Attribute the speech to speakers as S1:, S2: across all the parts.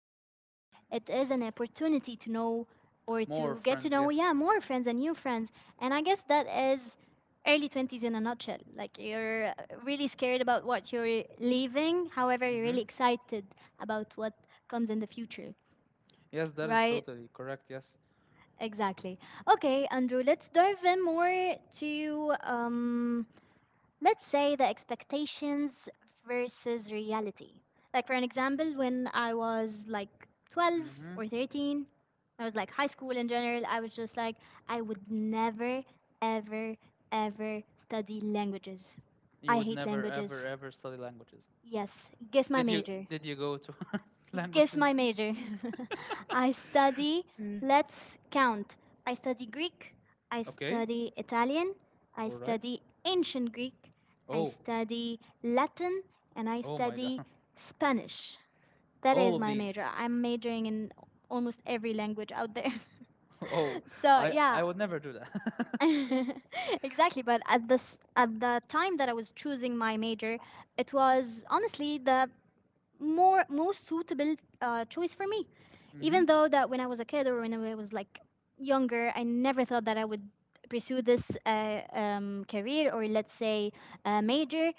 S1: However,
S2: Mm-hmm.
S1: it is an opportunity to know or
S2: More
S1: to get to
S2: friends,
S1: know,
S2: yes.
S1: yeah, more friends and new friends. And I guess that is early 20s in a nutshell. Like you're really scared about what you're leaving. However, you're
S2: Mm-hmm.
S1: really excited about what comes in the future.
S2: Yes, that is
S1: Right?
S2: totally correct, yes.
S1: Exactly. Okay, Andrew, let's dive in more to let's say the expectations versus reality. Like for an example, when I was like 12
S2: Mm-hmm.
S1: or 13, I was like high school in general, I was just like I would never ever ever study languages.
S2: You
S1: I
S2: would
S1: hate
S2: never ever
S1: languages.
S2: ever study languages.
S1: Yes, guess my
S2: Did you
S1: major.
S2: did you go to
S1: Guess my
S2: languages?
S1: major. I study,
S2: Mm.
S1: let's count. I study Greek, I
S2: Okay.
S1: study Italian, I
S2: All right.
S1: study ancient Greek, I
S2: Oh.
S1: study Latin, and I
S2: Oh my
S1: study
S2: God.
S1: Spanish. That
S2: All
S1: is
S2: of
S1: my
S2: these.
S1: major. I'm majoring in almost every language out there.
S2: Oh,
S1: So,
S2: I
S1: yeah.
S2: would never do that.
S1: Exactly, but at the time that I was choosing my major, it was honestly the more most suitable choice for me. Even
S2: Mm-hmm.
S1: though that when I was a kid or when I was like younger, I never thought that I would pursue this career, or let's say major.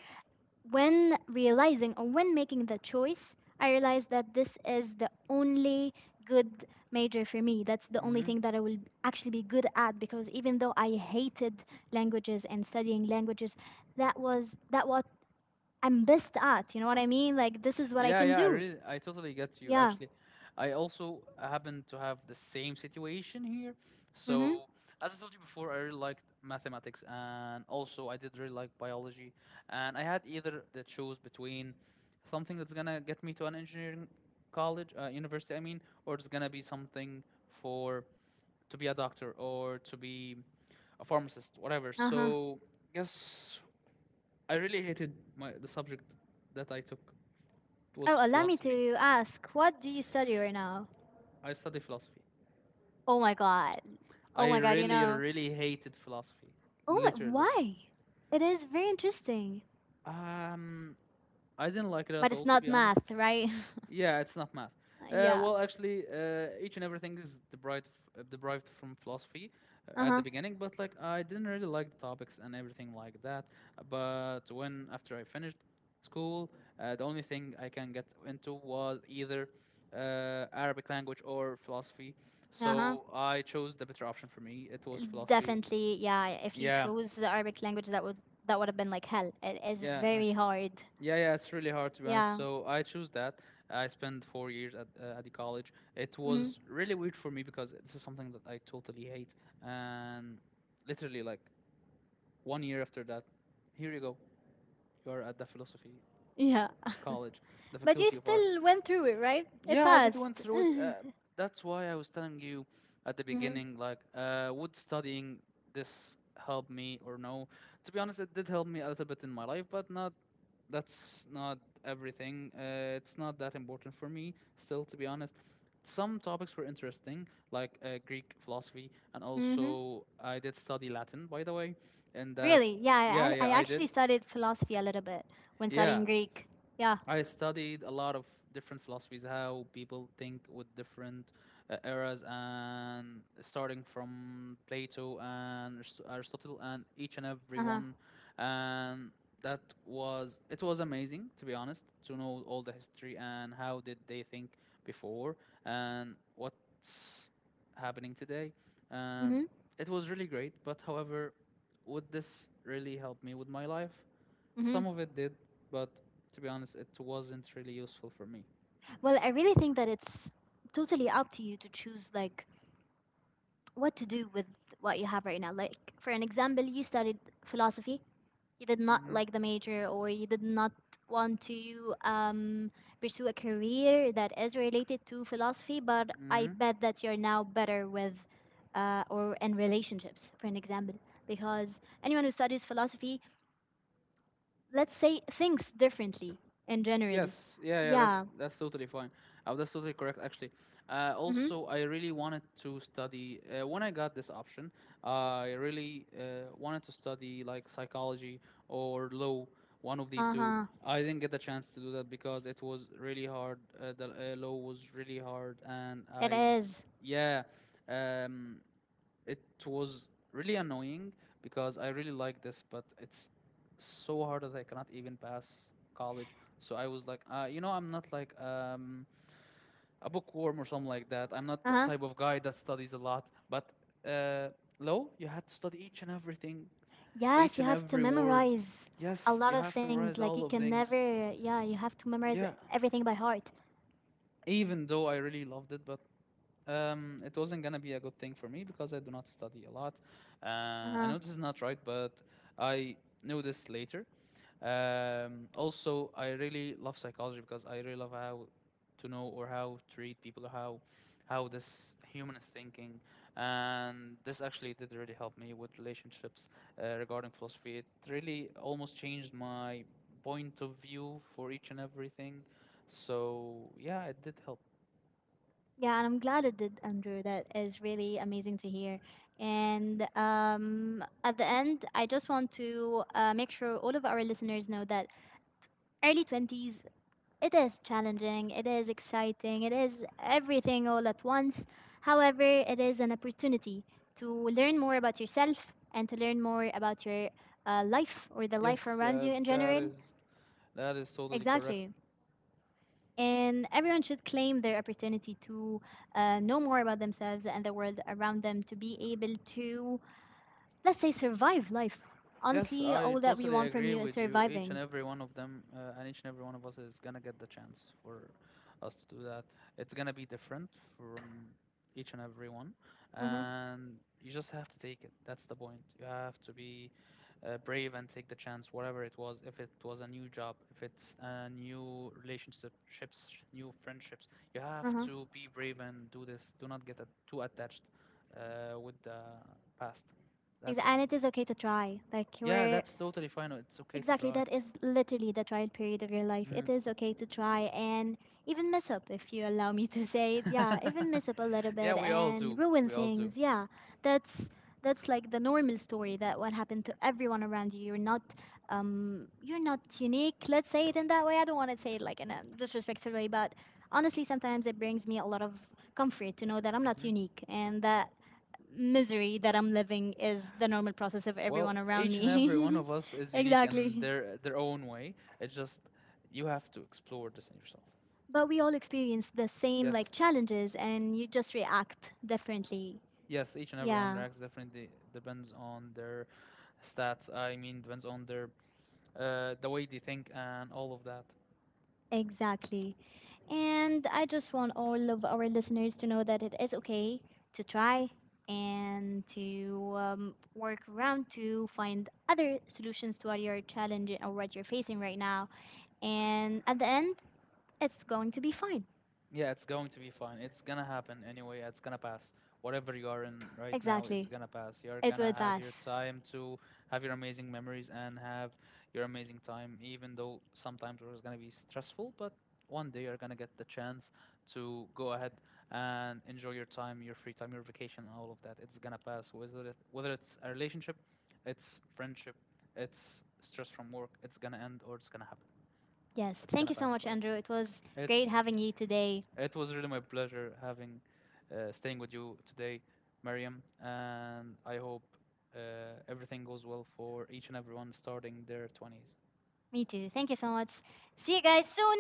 S1: When realizing or when making the choice, I realized that this is the only good major for me. That's the only
S2: Mm-hmm.
S1: thing that I will actually be good at, because even though I hated languages and studying languages, that what I'm best at. You know what I mean? Like this is what I
S2: Yeah,
S1: can
S2: yeah,
S1: do.
S2: I totally get you.
S1: Yeah.
S2: Actually, I also happen to have the same situation here.
S1: Mm-hmm.
S2: So, as I told you before, I really liked mathematics, and also I did really like biology. And I had either the choose between something that's gonna get me to an engineering college, university, I mean, or it's gonna be something for to be a doctor or to be a pharmacist, whatever.
S1: Uh-huh.
S2: So, yes, I really hated my the subject that I took. It
S1: Oh,
S2: was
S1: allow me
S2: philosophy.
S1: to ask, what do you study right now?
S2: I studied philosophy.
S1: Oh my god. Oh
S2: I
S1: my god, you
S2: really,
S1: know.
S2: really hated philosophy,
S1: Oh my
S2: literally.
S1: why? It is very interesting.
S2: Um, I didn't like it
S1: But
S2: at
S1: it's
S2: all, to
S1: not
S2: be honest.
S1: math, right?
S2: Yeah, it's not math.
S1: Yeah.
S2: Well, actually, each and everything is derived, f- derived from philosophy at the
S1: Uh-huh.
S2: beginning, but like I didn't really like the topics and everything like that. But when after I finished school, the only thing I can get into was either Arabic language or philosophy.
S1: Uh-huh.
S2: So I chose the better option for me. It was philosophy.
S1: Definitely, yeah. If you
S2: Yeah,
S1: chose the Arabic language, that would have been like hell. It is
S2: yeah.
S1: very hard.
S2: Yeah, yeah, it's really hard to be honest.
S1: Yeah.
S2: So I choose that. I spent 4 years at the college. It
S1: Mm-hmm.
S2: was really weird for me because this is something that I totally hate. And literally, like one year after that, here you go. You are at the philosophy
S1: Yeah.
S2: college, the
S1: But you
S2: faculty of arts.
S1: still went through it, right? It
S2: Yeah, I did went
S1: passed.
S2: through it.
S1: Mm-hmm.
S2: That's why I was telling you at the beginning, like, would studying this help me or no? To be honest, it did help me a little bit in my life, but not. That's not everything. It's not that important for me still, to be honest. Some topics were interesting, like Greek philosophy, and
S1: Mm-hmm.
S2: also I did study Latin, by the way, and that.
S1: Really?
S2: Yeah,
S1: Yeah, I
S2: yeah, I
S1: actually
S2: did.
S1: studied philosophy a little bit when
S2: Yeah,
S1: studying Greek. Yeah.
S2: I studied a lot of different philosophies, how people think with different eras, and starting from Plato and Aristotle, and each and every
S1: Uh
S2: one.
S1: huh.
S2: And that was it was amazing to be honest to know all the history and how did they think before and what's happening today. Um,
S1: Mhm.
S2: it was really great, but however, would this really help me with my life? Some
S1: Mhm.
S2: of it did, but to be honest, it wasn't really useful for me.
S1: Well, I really think that it's totally up to you to choose like what to do with what you have right now. Like for an example, you studied philosophy. You did not
S2: Mm-hmm.
S1: like the major, or you did not want to pursue a career that is related to philosophy. But I
S2: Mm-hmm.
S1: bet that you're now better with or in relationships, for an example, because anyone who studies philosophy let's say things differently in general.
S2: Yes. Yeah. Yeah. That's
S1: Yeah.
S2: that's totally fine. That's totally correct, actually.
S1: Mm-hmm.
S2: Also, I really wanted to study when I got this option. I really wanted to study like psychology or law, one of these two.
S1: Uh-huh.
S2: I didn't get the chance to do that because it was really hard. The law was really hard,
S1: It is.
S2: yeah, um, It was really annoying because I really like this, but it's so hard that I cannot even pass college. So I was like, you know, I'm not like a bookworm or something like that. I'm not the
S1: Uh-huh.
S2: type of guy that studies a lot. But uh, low, you had to study each and everything,
S1: Yes,
S2: each
S1: you
S2: and
S1: have to
S2: every word.
S1: memorize a
S2: Yes,
S1: lot
S2: you
S1: of
S2: have to
S1: things.
S2: memorize
S1: Like you
S2: all of
S1: can
S2: things.
S1: never, yeah, you have to memorize
S2: Yeah.
S1: everything by heart.
S2: Even though I really loved it, but it wasn't gonna be a good thing for me because I do not study a lot. Uh, I
S1: Uh-huh.
S2: know this is not right, but I knew this later. Also, I really love psychology because I really love how to know or how to treat people, how this human is thinking, and this actually did really help me with relationships regarding philosophy. It really almost changed my point of view for each and everything. So yeah, it did help.
S1: Yeah, and I'm glad it did, Andrew. That is really amazing to hear. And at the end, I just want to make sure all of our listeners know that early 20s, it is challenging, it is exciting, it is everything all at once. However, it is an opportunity to learn more about yourself and to learn more about your life, or the life
S2: Yes,
S1: around
S2: yeah,
S1: you in
S2: that
S1: general.
S2: is that is totally correct.
S1: Exactly. And everyone should claim their opportunity to know more about themselves and the world around them to be able to, let's say, survive life.
S2: Yes,
S1: Honestly,
S2: I
S1: all that we
S2: totally
S1: want from
S2: agree
S1: you is
S2: with you. Each and
S1: surviving.
S2: every one of them, and each and every one of us is gonna get the chance for us to do that. It's gonna be different from each and every one,
S1: Mm-hmm.
S2: and you just have to take it. That's the point. You have to be brave and take the chance, whatever it was. If it was a new job, if it's a new relationship, ships, new friendships, you have
S1: Mm-hmm.
S2: to be brave and do this. Do not get too attached with the past.
S1: Exa-
S2: That's it.
S1: and it is okay to try. Like
S2: Yeah,
S1: we're
S2: that's totally fine. Oh, it's okay to
S1: Exactly,
S2: try.
S1: that is literally the trial period of your life. It
S2: Mm.
S1: is okay to try and even mess up, if you allow me to say it. Yeah, even mess up a little
S2: Yeah,
S1: bit
S2: we all
S1: and
S2: do.
S1: ruin
S2: We all do.
S1: things. Yeah, that's that's like the normal story that what happened to everyone around you. You're not unique. Let's say it in that way. I don't want to say it like in a disrespectful way, but honestly, sometimes it brings me a lot of comfort to know that I'm not
S2: Hmm.
S1: unique, and that misery that I'm living is the normal process of
S2: Well,
S1: everyone around
S2: each and every one
S1: me.
S2: of us is unique in
S1: Exactly.
S2: their own way. It's just you have to explore this in yourself.
S1: But we all experience the same like
S2: Yes,
S1: challenges and you just react differently.
S2: yes. Each and everyone
S1: Yeah,
S2: reacts differently. Depends on their stats. I mean, depends on their the way they think and all of that.
S1: exactly. And I just want all of our listeners to know that it is okay to try and to work around to find other solutions to what you're challenging or what you're facing right now. And at the end, it's going to be fine.
S2: Yeah, it's going to be fine. It's gonna happen anyway. It's gonna pass. Whatever you are in right now, it's
S1: Exactly.
S2: gonna pass. You're
S1: It
S2: gonna
S1: will
S2: have your
S1: pass.
S2: time to have your amazing memories and have your amazing time, even though sometimes it's gonna be stressful, but one day you're gonna get the chance to go ahead and enjoy your time, your free time, your vacation, and all of that. It's gonna pass. Whether it's a relationship, it's friendship, it's stress from work, it's gonna end or it's gonna happen.
S1: Yes.
S2: It's
S1: Thank
S2: gonna
S1: you so
S2: pass
S1: much,
S2: by.
S1: Andrew. It was
S2: Then. It
S1: great having you today.
S2: it was really my pleasure having staying with you today, Mariam, and I hope everything goes well for each and everyone starting their 20s.
S1: Me too. Thank you so much. See you guys soon.